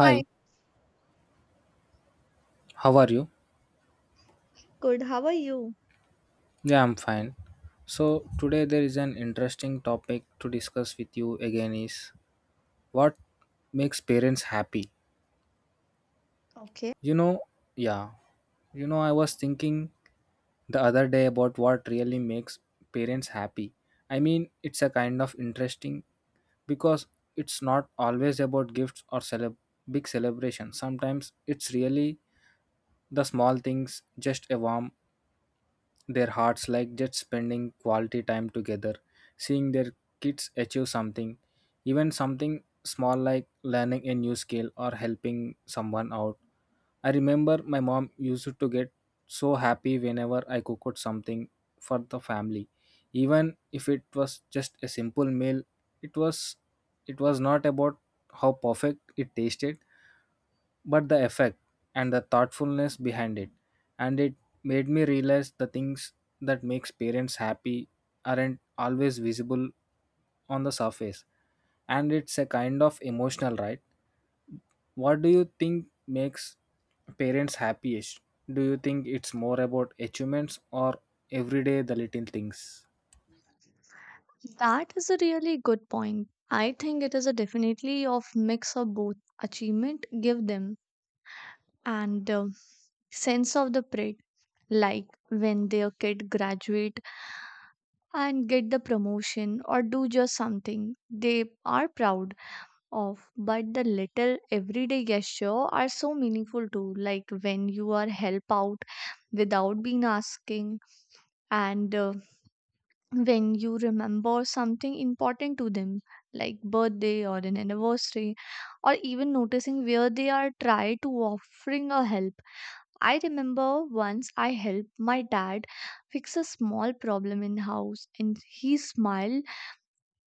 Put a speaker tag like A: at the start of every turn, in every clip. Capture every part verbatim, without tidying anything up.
A: Hi,
B: how are you?
A: good. How are you?
B: Yeah, I'm fine. So, today there is an interesting topic to discuss with you again is what makes parents happy.
A: Okay,
B: You know, yeah, you know, I was thinking the other day about what really makes parents happy. I mean, it's a kind of interesting because it's not always about gifts or celeb- big celebrations. Sometimes it's really the small things, just a warm their hearts like just spending quality time together, seeing their kids achieve something, even something small like learning a new skill or helping someone out. I remember my mom used to get so happy whenever I cooked something for the family, even if it was just a simple meal. It was it was not about how perfect it tasted, but the effect and the thoughtfulness behind it, and it made me realize the things that makes parents happy aren't always visible on the surface, and it's a kind of emotional, right? What do you think makes parents happiest? Do you think it's more about achievements or everyday the little things?
A: that is a really good point. I think it is a definitely of mix of both achievement give them and uh, sense of the pride. Like when their kid graduate and get the promotion or do just something they are proud of, but the little everyday gesture are so meaningful too. Like when you are help out without being asking and uh, when you remember something important to them like birthday or an anniversary or even noticing where they are try to offering a help. I remember once I helped my dad fix a small problem in house and he smiled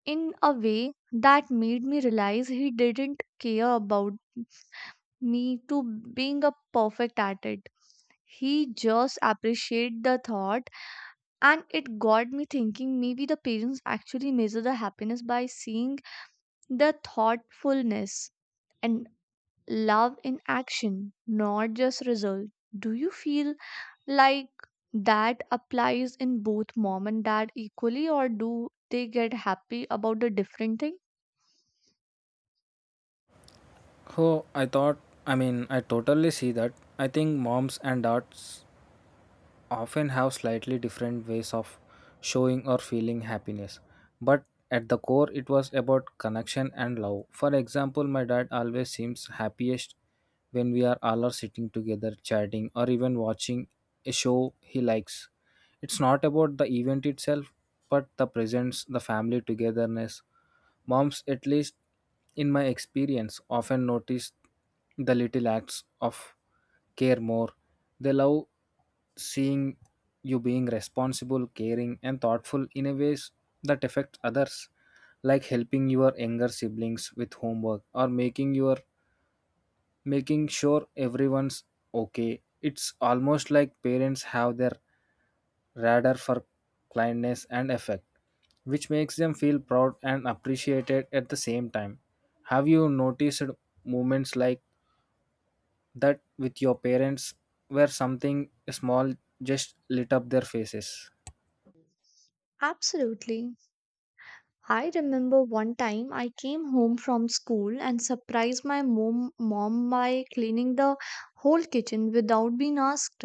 A: in a way that made me realize he didn't care about me to being a perfect at it. He just appreciate the thought and it got me thinking maybe the parents actually measure the happiness by seeing the thoughtfulness and love in action, not just result. Do you feel like that applies in both mom and dad equally, or do they get happy about the different thing?
B: oh i thought i mean I totally see that. I think moms and dads often have slightly different ways of showing or feeling happiness, but at the core, it was about connection and love. For example, my dad always seems happiest when we are all are sitting together, chatting, or even watching a show he likes. It's not about the event itself, but the presence, the family togetherness. Moms, at least in my experience, often notice the little acts of care more. They love seeing you being responsible, caring, and thoughtful in a ways that affect others, like helping your younger siblings with homework or making your making sure everyone's okay. It's almost like parents have their radar for kindness and effect, which makes them feel proud and appreciated at the same time. Have you noticed moments like that with your parents where something small just lit up their faces?
A: Absolutely. I remember one time I came home from school and surprised my mom, mom by cleaning the whole kitchen without being asked.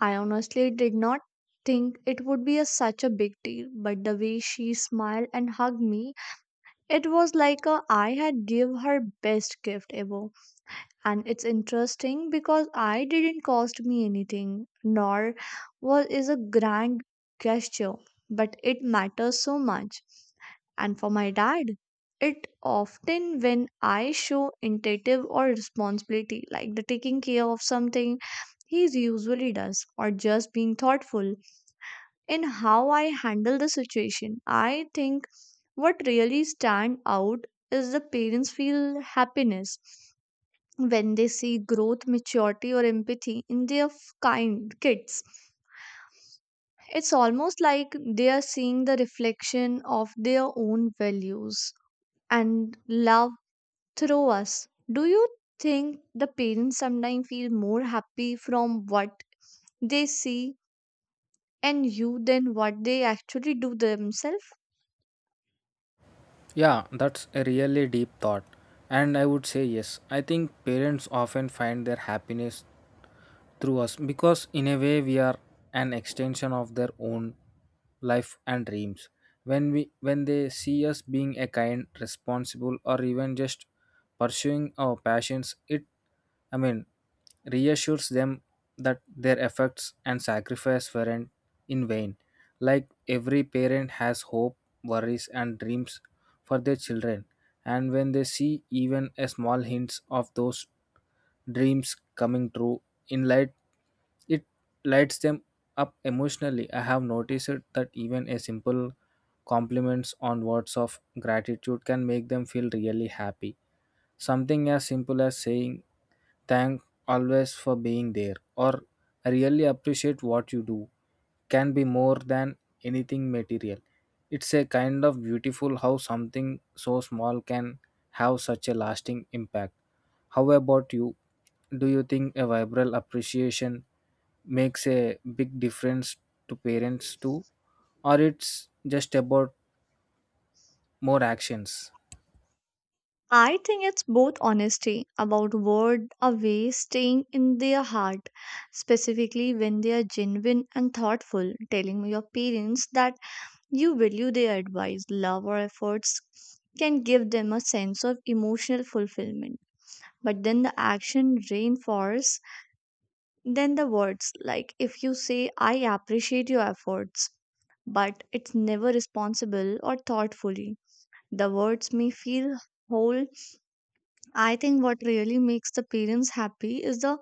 A: I honestly did not think it would be a, such a big deal, but the way she smiled and hugged me, it was like a, I had give her best gift ever. And it's interesting because I didn't cost me anything nor was is a grand gesture, but it matters so much. And for my dad, it often when I show initiative or responsibility like the taking care of something he usually does or just being thoughtful in how I handle the situation. I think what really stand out is the parents feel happiness when they see growth, maturity, or empathy in their f- kind kids. It's almost like they are seeing the reflection of their own values and love through us. Do you think the parents sometimes feel more happy from what they see and you than what they actually do themselves?
B: Yeah, that's a really deep thought. And I would say yes. I think parents often find their happiness through us because, in a way, we are an extension of their own life and dreams. When we when they see us being a kind, responsible, or even just pursuing our passions, it, I mean reassures them that their efforts and sacrifice weren't in vain. Like every parent has hope, worries, and dreams for their children, and when they see even a small hints of those dreams coming true in light, it lights them up emotionally. I have noticed it that even a simple compliments on words of gratitude can make them feel really happy. Something as simple as saying thank always for being there or I really appreciate what you do can be more than anything material. It's a kind of beautiful how something so small can have such a lasting impact. How about you? Do you think a vibrant appreciation makes a big difference to parents too? Or it's just about more actions?
A: I think it's both honesty about word away staying in their heart, specifically when they are genuine and thoughtful, telling your parents that you value their advice, love, or efforts can give them a sense of emotional fulfillment. But then the action reinforces then the words, like if you say, I appreciate your efforts, but it's never responsible or thoughtfully. The words may feel whole. I think what really makes the parents happy is the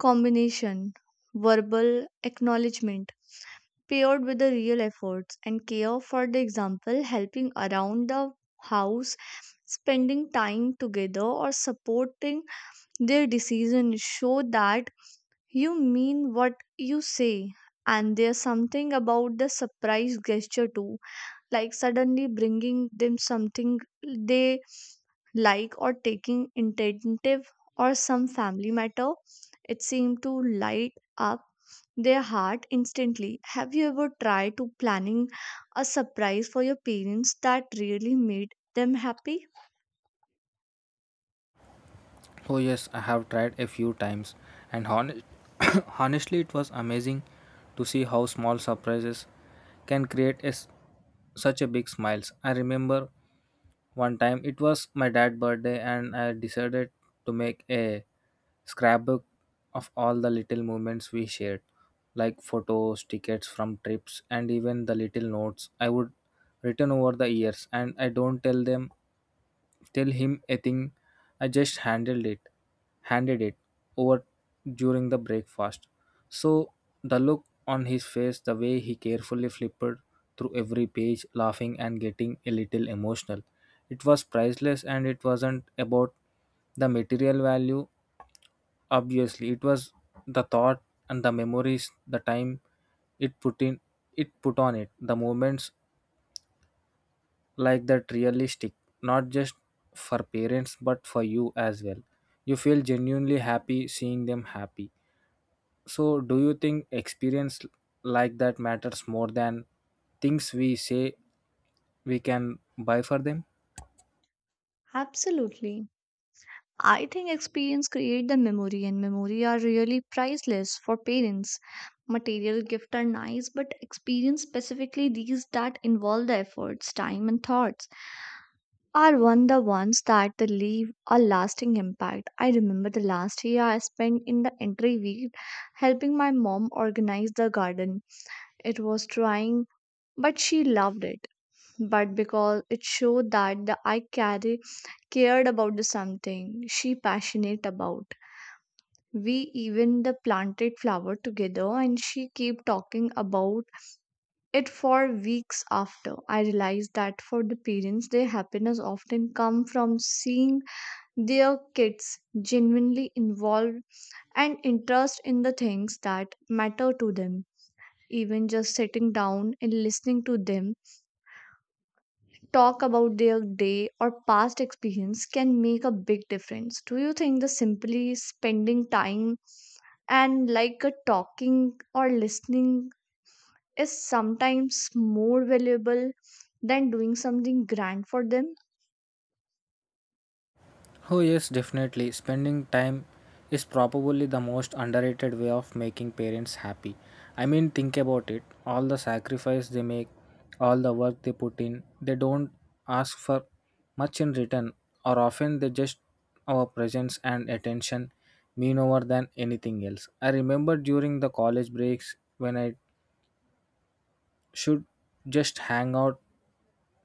A: combination verbal acknowledgement paired with the real efforts and care for the example helping around the house, spending time together, or supporting their decision show that you mean what you say. And there's something about the surprise gesture too, like suddenly bringing them something they like or taking intentive or some family matter. It seemed to light up their heart instantly. Have you ever tried to planning a surprise for your parents that really made them happy?
B: Oh yes, I have tried a few times, and hon- honestly, it was amazing to see how small surprises can create a s- such a big smiles. I remember one time it was my dad's birthday, and I decided to make a scrapbook of all the little moments we shared, like photos, tickets from trips, and even the little notes I would written over the years. And I don't tell them, tell him a thing. I just handled it, handed it over during the breakfast. So the look on his face, the way he carefully flipped through every page, laughing and getting a little emotional. It was priceless, and it wasn't about the material value. Obviously, it was the thought and the memories, the time it put in, it put on it. The moments like that really stick, not just for parents but for you as well. You feel genuinely happy seeing them happy. So, do you think experience like that matters more than things we say we can buy for them?
A: Absolutely. I think experience create the memory and memory are really priceless for parents. Material gift are nice, but experience specifically these that involve the efforts, time and thoughts. Are one the ones that they leave a lasting impact. I remember the last year I spent in the entry week helping my mom organize the garden. It was trying, but she loved it. But because it showed that the I carry cared about the something she passionate about. We even the planted flower together and she kept talking about it for weeks after. I realized that for the parents their happiness often come from seeing their kids genuinely involved and interest in the things that matter to them. Even just sitting down and listening to them talk about their day or past experience can make a big difference. Do you think the simply spending time and like a talking or listening is sometimes more valuable than doing something grand for them?
B: Oh, yes, definitely. Spending time is probably the most underrated way of making parents happy. I mean, think about it. All the sacrifice they make, all the work they put in, they don't ask for much in return, or often they just our presence and attention mean over than anything else. I remember during the college breaks when I should just hang out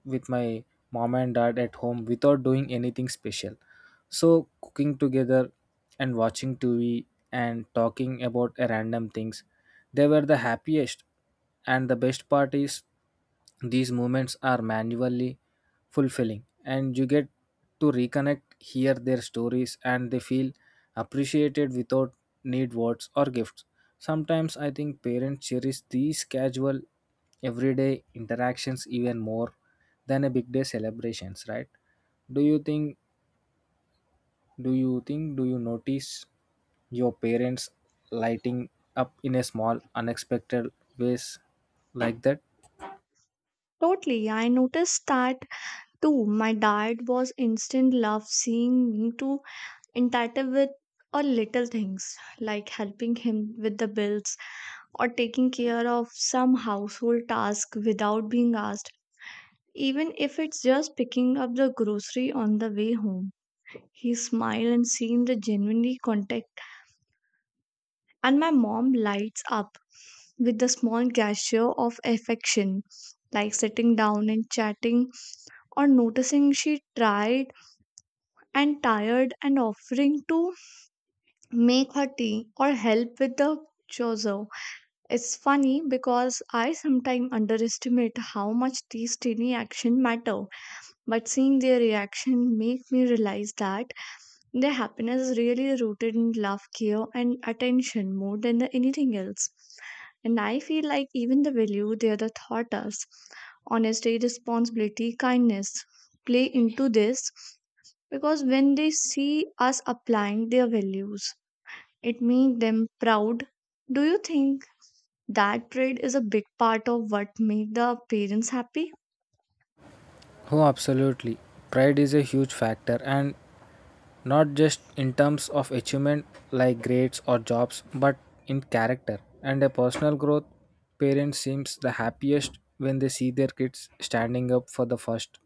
B: with my mom and dad at home without doing anything special. So, cooking together and watching T V and talking about random things, they were the happiest. And the best part is these moments are manually fulfilling, and you get to reconnect, hear their stories, and they feel appreciated without need words or gifts. Sometimes I think parents cherish these casual, everyday interactions even more than a big day celebrations, right? Do you think? Do you think? Do you notice your parents lighting up in a small, unexpected ways like that?
A: Totally. I noticed that too. My dad was instant love seeing me to entitled with or little things like helping him with the bills or taking care of some household task without being asked, even if it's just picking up the grocery on the way home. He smiled and seemed genuinely content, and my mom lights up with the small gesture of affection, like sitting down and chatting or noticing she tried and tired and offering to make her tea or help with the chores. It's funny because I sometimes underestimate how much these tiny actions matter, but seeing their reaction make me realize that their happiness is really rooted in love, care, and attention more than the anything else. And I feel like even the value they are the taught us, honesty, responsibility, kindness, play into this because when they see us applying their values, it makes them proud. Do you think that pride is a big part of what make the parents happy?
B: Oh, absolutely. Pride is a huge factor, and not just in terms of achievement like grades or jobs, but in character and a personal growth. Parents seems the happiest when they see their kids standing up for the first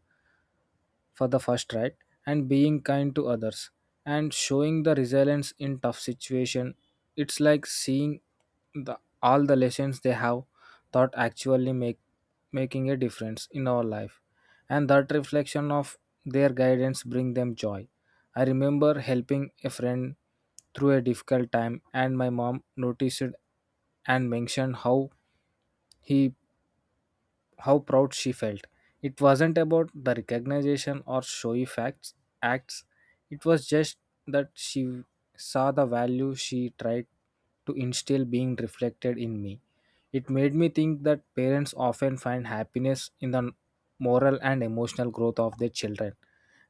B: for the first right, and being kind to others, and showing the resilience in tough situation. It's like seeing the all the lessons they have taught actually make making a difference in our life, and that reflection of their guidance bring them joy. I remember helping a friend through a difficult time, and my mom noticed and mentioned how he how proud she felt. It wasn't about the recognition or showy facts acts. It was just that she saw the value she tried to instill being reflected in me. It made me think that parents often find happiness in the moral and emotional growth of their children,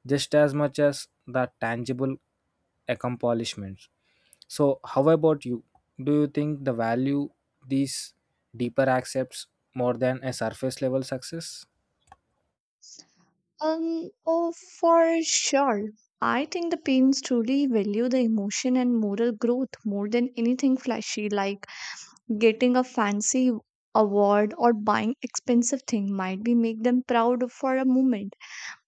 B: just as much as the tangible accomplishments. So, how about you? Do you think the value these deeper accepts more than a surface level success?
A: Um, oh, for sure. I think the parents truly value the emotion and moral growth more than anything flashy, like getting a fancy award or buying expensive thing might be make them proud for a moment,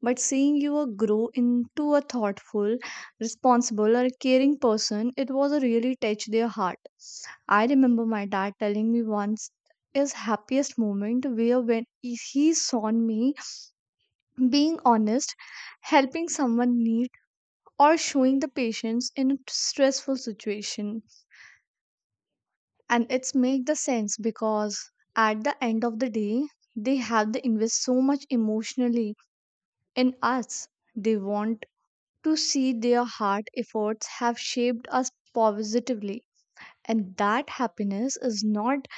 A: but seeing you uh, grow into a thoughtful responsible or a caring person it was a really touch their heart. I remember my dad telling me once his happiest moment where when he he saw me being honest, helping someone need or showing the patience in a stressful situation. And it's make the sense because at the end of the day, they have to invest so much emotionally in us. They want to see their hard efforts have shaped us positively. And that happiness is not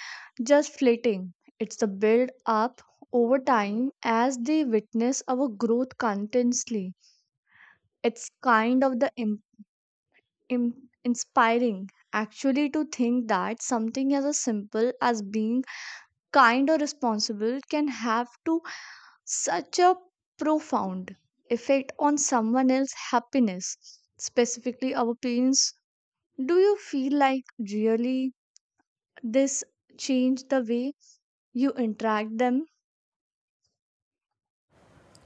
A: just fleeting. It's the build up over time as they witness our growth continuously. It's kind of the Im- inspiring actually to think that something as a simple as being kind or responsible can have to such a profound effect on someone else's happiness, specifically our parents. Do you feel like really this changed the way you interact them?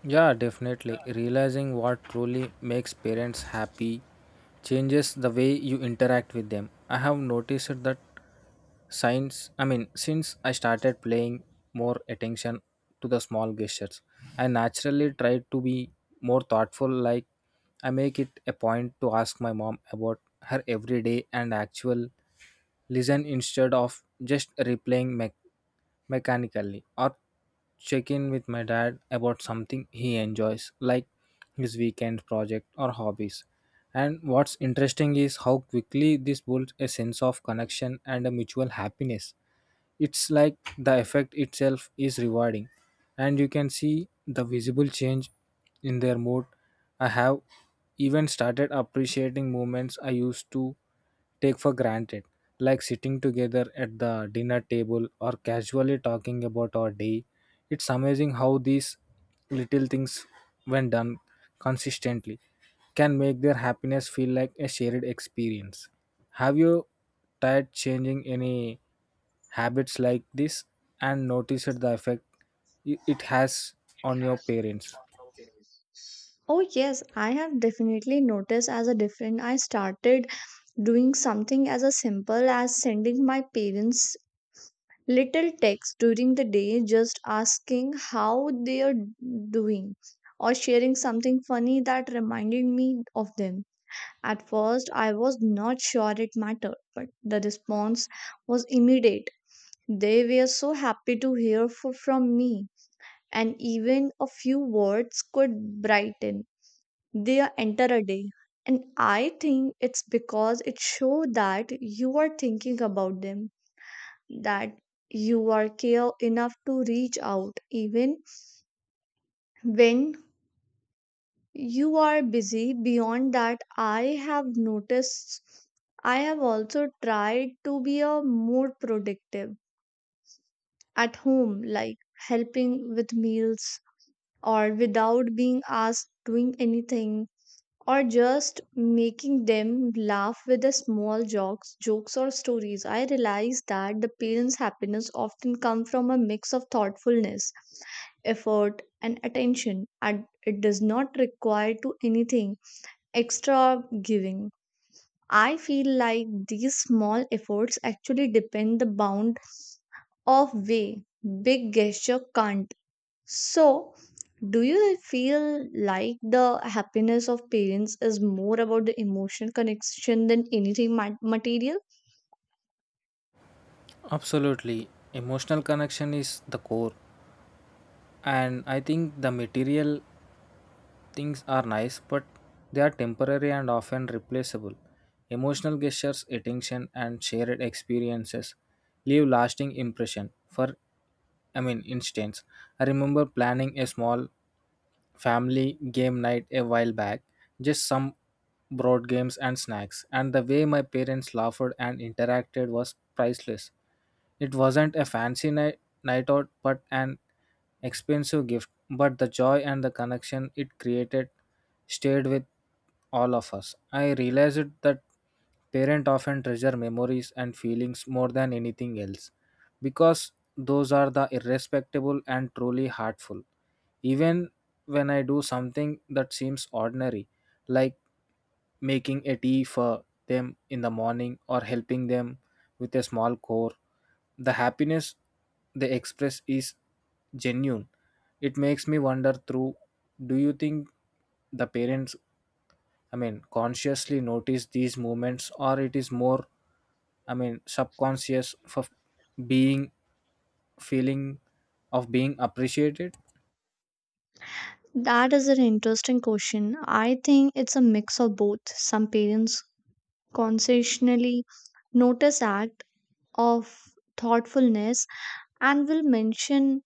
B: Yeah, definitely. Realizing what truly makes parents happy changes the way you interact with them. I have noticed that since I mean since I started paying more attention to the small gestures, I naturally try to be more thoughtful. Like, I make it a point to ask my mom about her everyday and actual listen instead of just replaying me- mechanically, or check in with my dad about something he enjoys like his weekend project or hobbies. And what's interesting is how quickly this builds a sense of connection and a mutual happiness. It's like the effect itself is rewarding, and you can see the visible change in their mood. I have even started appreciating moments I used to take for granted, like sitting together at the dinner table or casually talking about our day. It's amazing how these little things, when done consistently, can make their happiness feel like a shared experience. Have you tried changing any habits like this and noticed the effect i- it has on your parents?
A: Oh yes, I have definitely noticed as a different. I started doing something as a simple as sending my parents little text during the day just asking how they are doing or sharing something funny that reminded me of them. At first, I was not sure it mattered, but the response was immediate. They were so happy to hear fo- from me, and even a few words could brighten their entire day. And I think it's because it showed that you are thinking about them, that you are care enough to reach out even when you are busy. Beyond that I have noticed, I have also tried to be a more productive at home, like helping with meals or without being asked doing anything or just making them laugh with the small jokes jokes or stories. I realize that the parents happiness often come from a mix of thoughtfulness, effort and attention, and it does not require to anything extra giving. I feel like these small efforts actually depend the bound of way big gesture can't. So, do you feel like the happiness of parents is more about the emotional connection than anything ma- material?
B: Absolutely. Emotional connection is the core, and I think the material things are nice, but they are temporary and often replaceable. Emotional gestures, attention, and shared experiences leave lasting impression. For I mean, instance, I remember planning a small family game night a while back, just some board games and snacks, and the way my parents laughed and interacted was priceless. It wasn't a fancy night, night out, but an expensive gift. But the joy and the connection it created stayed with all of us. I realized that parents often treasure memories and feelings more than anything else because those are the irrespectable and truly heartful, even when I do something that seems ordinary, like making a tea for them in the morning or helping them with a small chore, the happiness they express is genuine. It makes me wonder through, do you think the parents I mean consciously notice these movements, or it is more I mean subconscious for being feeling of being appreciated?
A: That is an interesting question. I think it's a mix of both. Some parents consciously notice act of thoughtfulness and will mention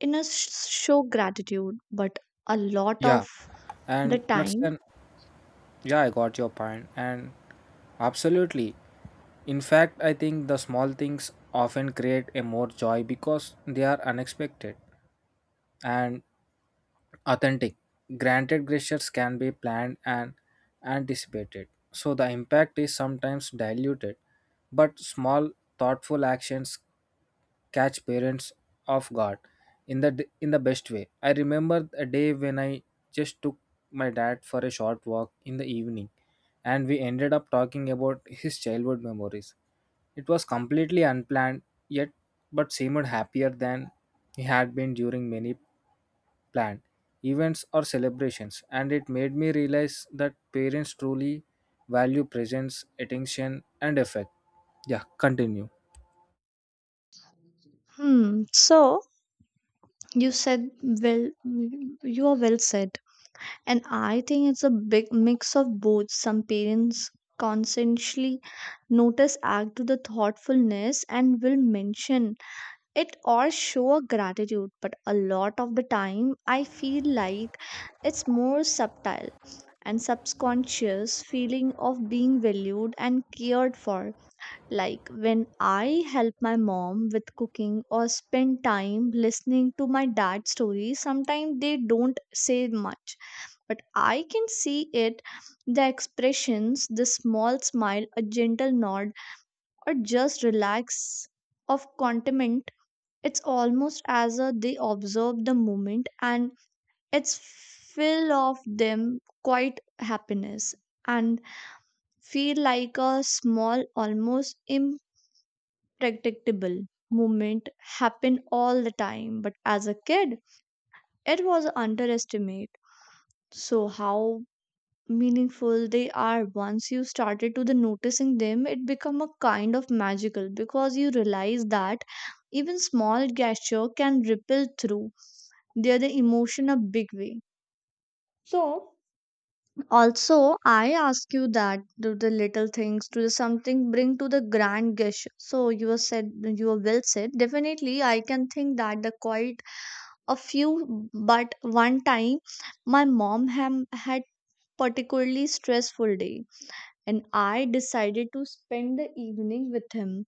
A: in a sh- show gratitude, but a lot
B: Yeah.
A: of the
B: And that's
A: time,
B: an. Yeah, I got your point, and absolutely. In fact, I think the small things often create a more joy because they are unexpected and authentic. Granted, gestures can be planned and anticipated, so the impact is sometimes diluted, but small, thoughtful actions catch parents off guard in the d- in the best way. I remember a day when I just took my dad for a short walk in the evening, and we ended up talking about his childhood memories. It was completely unplanned, yet but seemed happier than he had been during many planned events or celebrations, and it made me realize that parents truly value presence, attention and effect. Yeah, continue.
A: hmm. So you said well, you are well said. And I think it's a big mix of both. Some parents consciously notice act to the thoughtfulness and will mention it or show a gratitude, but a lot of the time I feel like it's more subtle and subconscious feeling of being valued and cared for. Like when I help my mom with cooking or spend time listening to my dad's stories sometimes they don't say much, but I can see it, the expressions, the small smile, a gentle nod, or just relax of contentment. It's almost as though they observe the moment and it's full of them quite happiness and feel like a small, almost impracticable movement happen all the time but as a kid it was underestimated. So how meaningful they are once you started to the noticing them it become a kind of magical because you realize that even small gesture can ripple through their the emotion a big way. So also I ask you that do the little things to the something bring to the grand gesture so you have said you have well said. Definitely I can think that the quite a few, but one time my mom ham had particularly stressful day, and I decided to spend the evening with him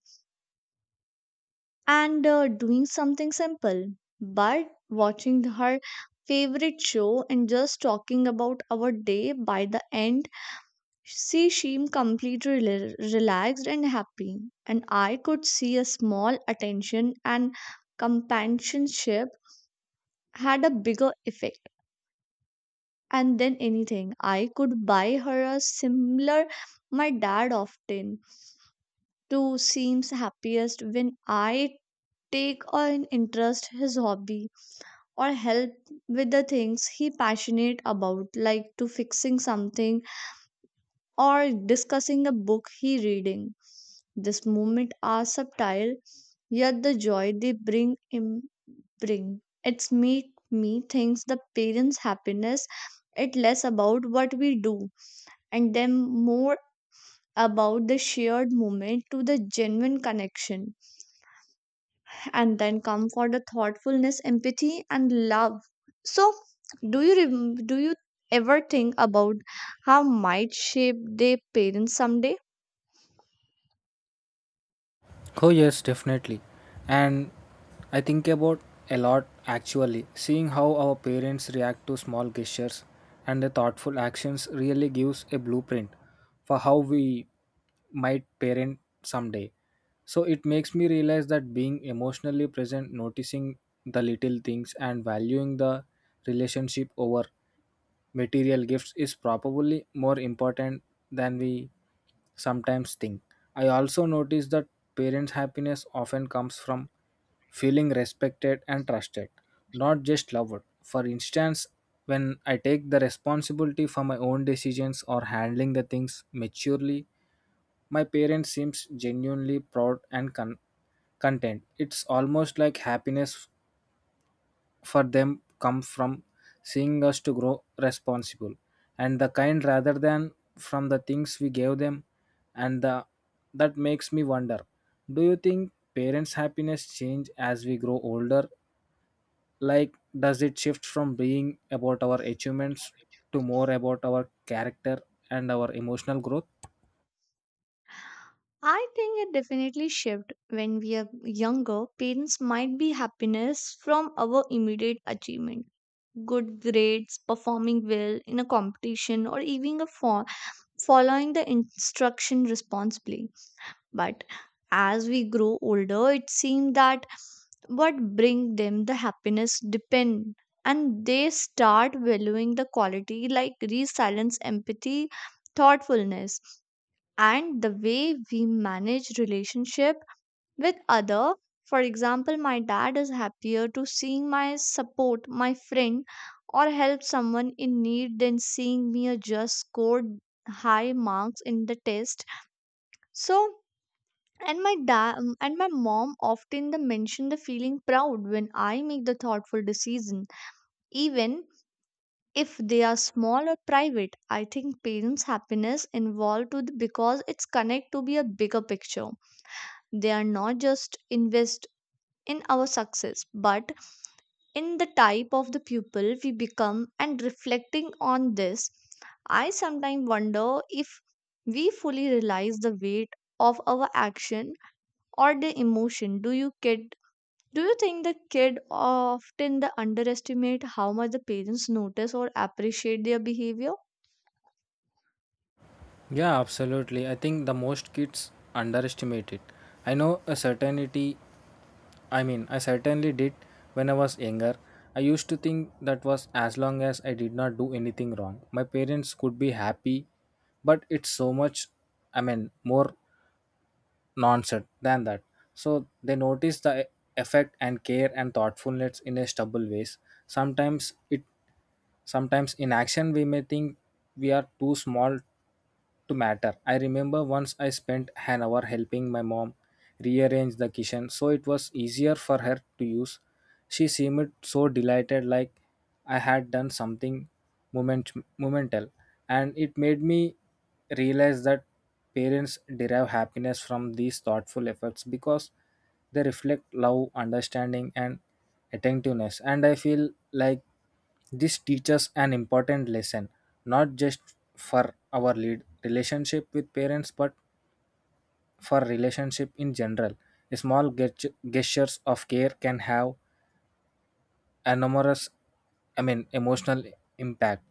A: and uh, doing something simple, but watching her favorite show and just talking about our day. By the end she seemed completely rela- relaxed and happy, and I could see a small attention and companionship had a bigger effect and then anything I could buy her a similar. My dad often too seems happiest when I take an interest his hobby or help with the things he passionate about like to fixing something or discussing a book he reading. This moment are subtle yet the joy they bring him bring it's make me thinks the parents happiness it less about what we do and them more about the shared moment to the genuine connection and then come for the thoughtfulness empathy and love. So do you rem- do you ever think about how might shape their parents someday?
B: Oh, yes, definitely. And I think about a lot actually. Seeing how our parents react to small gestures and the thoughtful actions really gives a blueprint for how we might parent someday. So it makes me realize that being emotionally present, noticing the little things, and valuing the relationship over material gifts is probably more important than we sometimes think. I also notice that parents' happiness often comes from feeling respected and trusted, not just loved. For instance, when I take the responsibility for my own decisions or handling the things maturely, my parents seems genuinely proud and con- content. It's almost like happiness for them come from seeing us to grow responsible and the kind rather than from the things we gave them. And the, that makes me wonder, do you think parents happiness change as we grow older? Like, does it shift from being about our achievements to more about our character and our emotional growth?
A: I think it definitely shift when we are younger parents might be happiness from our immediate achievement, good grades, performing well in a competition or even a fo- following the instruction responsibly, but as we grow older it seems that what bring them the happiness depend and they start valuing the quality like resilience, empathy, thoughtfulness and the way we manage relationship with other. For example, my dad is happier to seeing my support my friend or help someone in need than seeing me just score high marks in the test. So and my dad and my mom often the mention the feeling proud when I make the thoughtful decision, even if they are small or private. I think parents happiness involved to the, because it's connect to be a bigger picture. They are not just invest in our success but in the type of the pupil we become. And reflecting on this I sometimes wonder if we fully realize the weight of our action or the emotion do you get. Do you think the kid often the underestimate how much the parents notice or appreciate their behavior?
B: Yeah, absolutely. I think the most kids underestimate it. I know a certainty, I mean, I certainly did when I was younger. I used to think that was as long as I did not do anything wrong, my parents could be happy, but it's so much, I mean, more nonsense than that. So they notice the e- effect and care and thoughtfulness in a stubble ways. Sometimes it sometimes in action we may think we are too small to matter. I remember once I spent an hour helping my mom rearrange the kitchen so it was easier for her to use. She seemed so delighted like I had done something moment momental, and it made me realize that parents derive happiness from these thoughtful efforts because they reflect love, understanding and attentiveness. And I feel like this teaches an important lesson, not just for our lead relationship with parents but for relationship in general. Small get- gestures of care can have enormous, i mean emotional impact.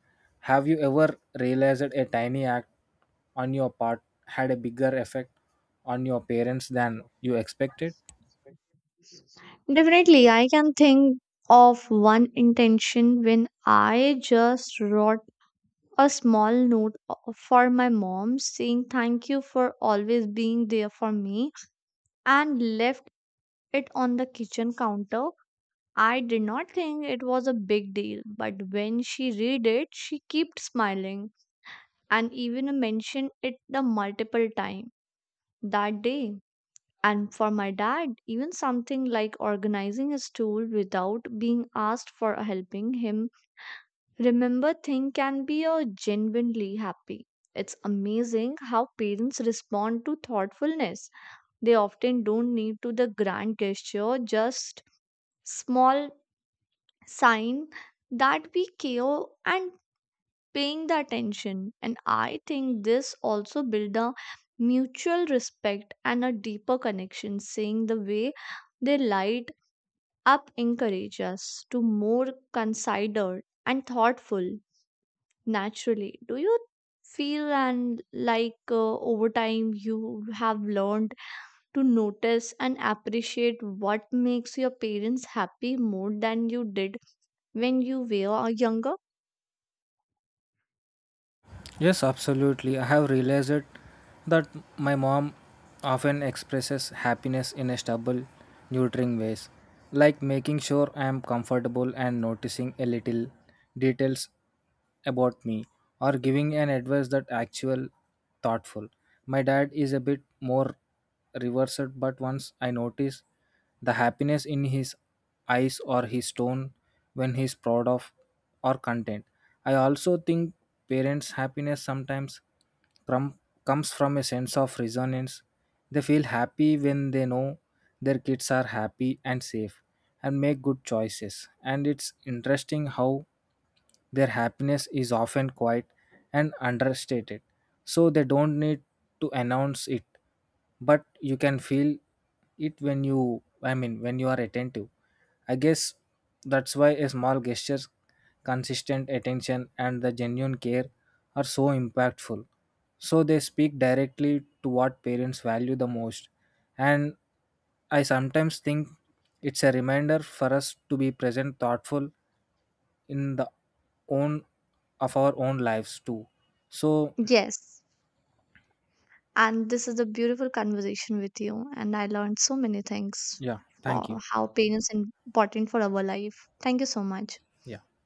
B: Have you ever realized that a tiny act on your part had a bigger effect on your parents than you expected?
A: Definitely, I can think of one intention when I just wrote a small note o- for my mom saying thank you for always being there for me and left it on the kitchen counter. I did not think it was a big deal, but when she read it, she kept smiling and even mentioned it the multiple time. That day. And for my dad, even something like organizing his tool without being asked for helping him remember thing can be a genuinely happy. It's amazing how parents respond to thoughtfulness. They often don't need to the grand gesture, just small sign that we care and paying the attention. And I think this also build a mutual respect and a deeper connection. Seeing the way they light up encourage us to more considered and thoughtful naturally. Do you feel and like uh, over time you have learned to notice and appreciate what makes your parents happy more than you did when you were younger?
B: Yes, absolutely. I have realized it that my mom often expresses happiness in a stubble, nurturing ways, like making sure I am comfortable and noticing a little details about me or giving an advice that actual thoughtful. My dad is a bit more reversed, but once I notice the happiness in his eyes or his tone when he's proud of or content. I also think parents' happiness sometimes crum- comes from a sense of resonance. They feel happy when they know their kids are happy and safe and make good choices. And it's interesting how their happiness is often quiet and understated, so they don't need to announce it, but you can feel it when you, I mean, when you are attentive. I guess that's why a small gestures, consistent attention, and the genuine care are so impactful. So they speak directly to what parents value the most. And I sometimes think it's a reminder for us to be present, thoughtful, in the own of our own lives too. So,
A: Yes. And this is a beautiful conversation with you. And I learned so many things
B: yeah, thank
A: for
B: you.
A: how pain is important for our life. Thank you so much.
B: Yeah.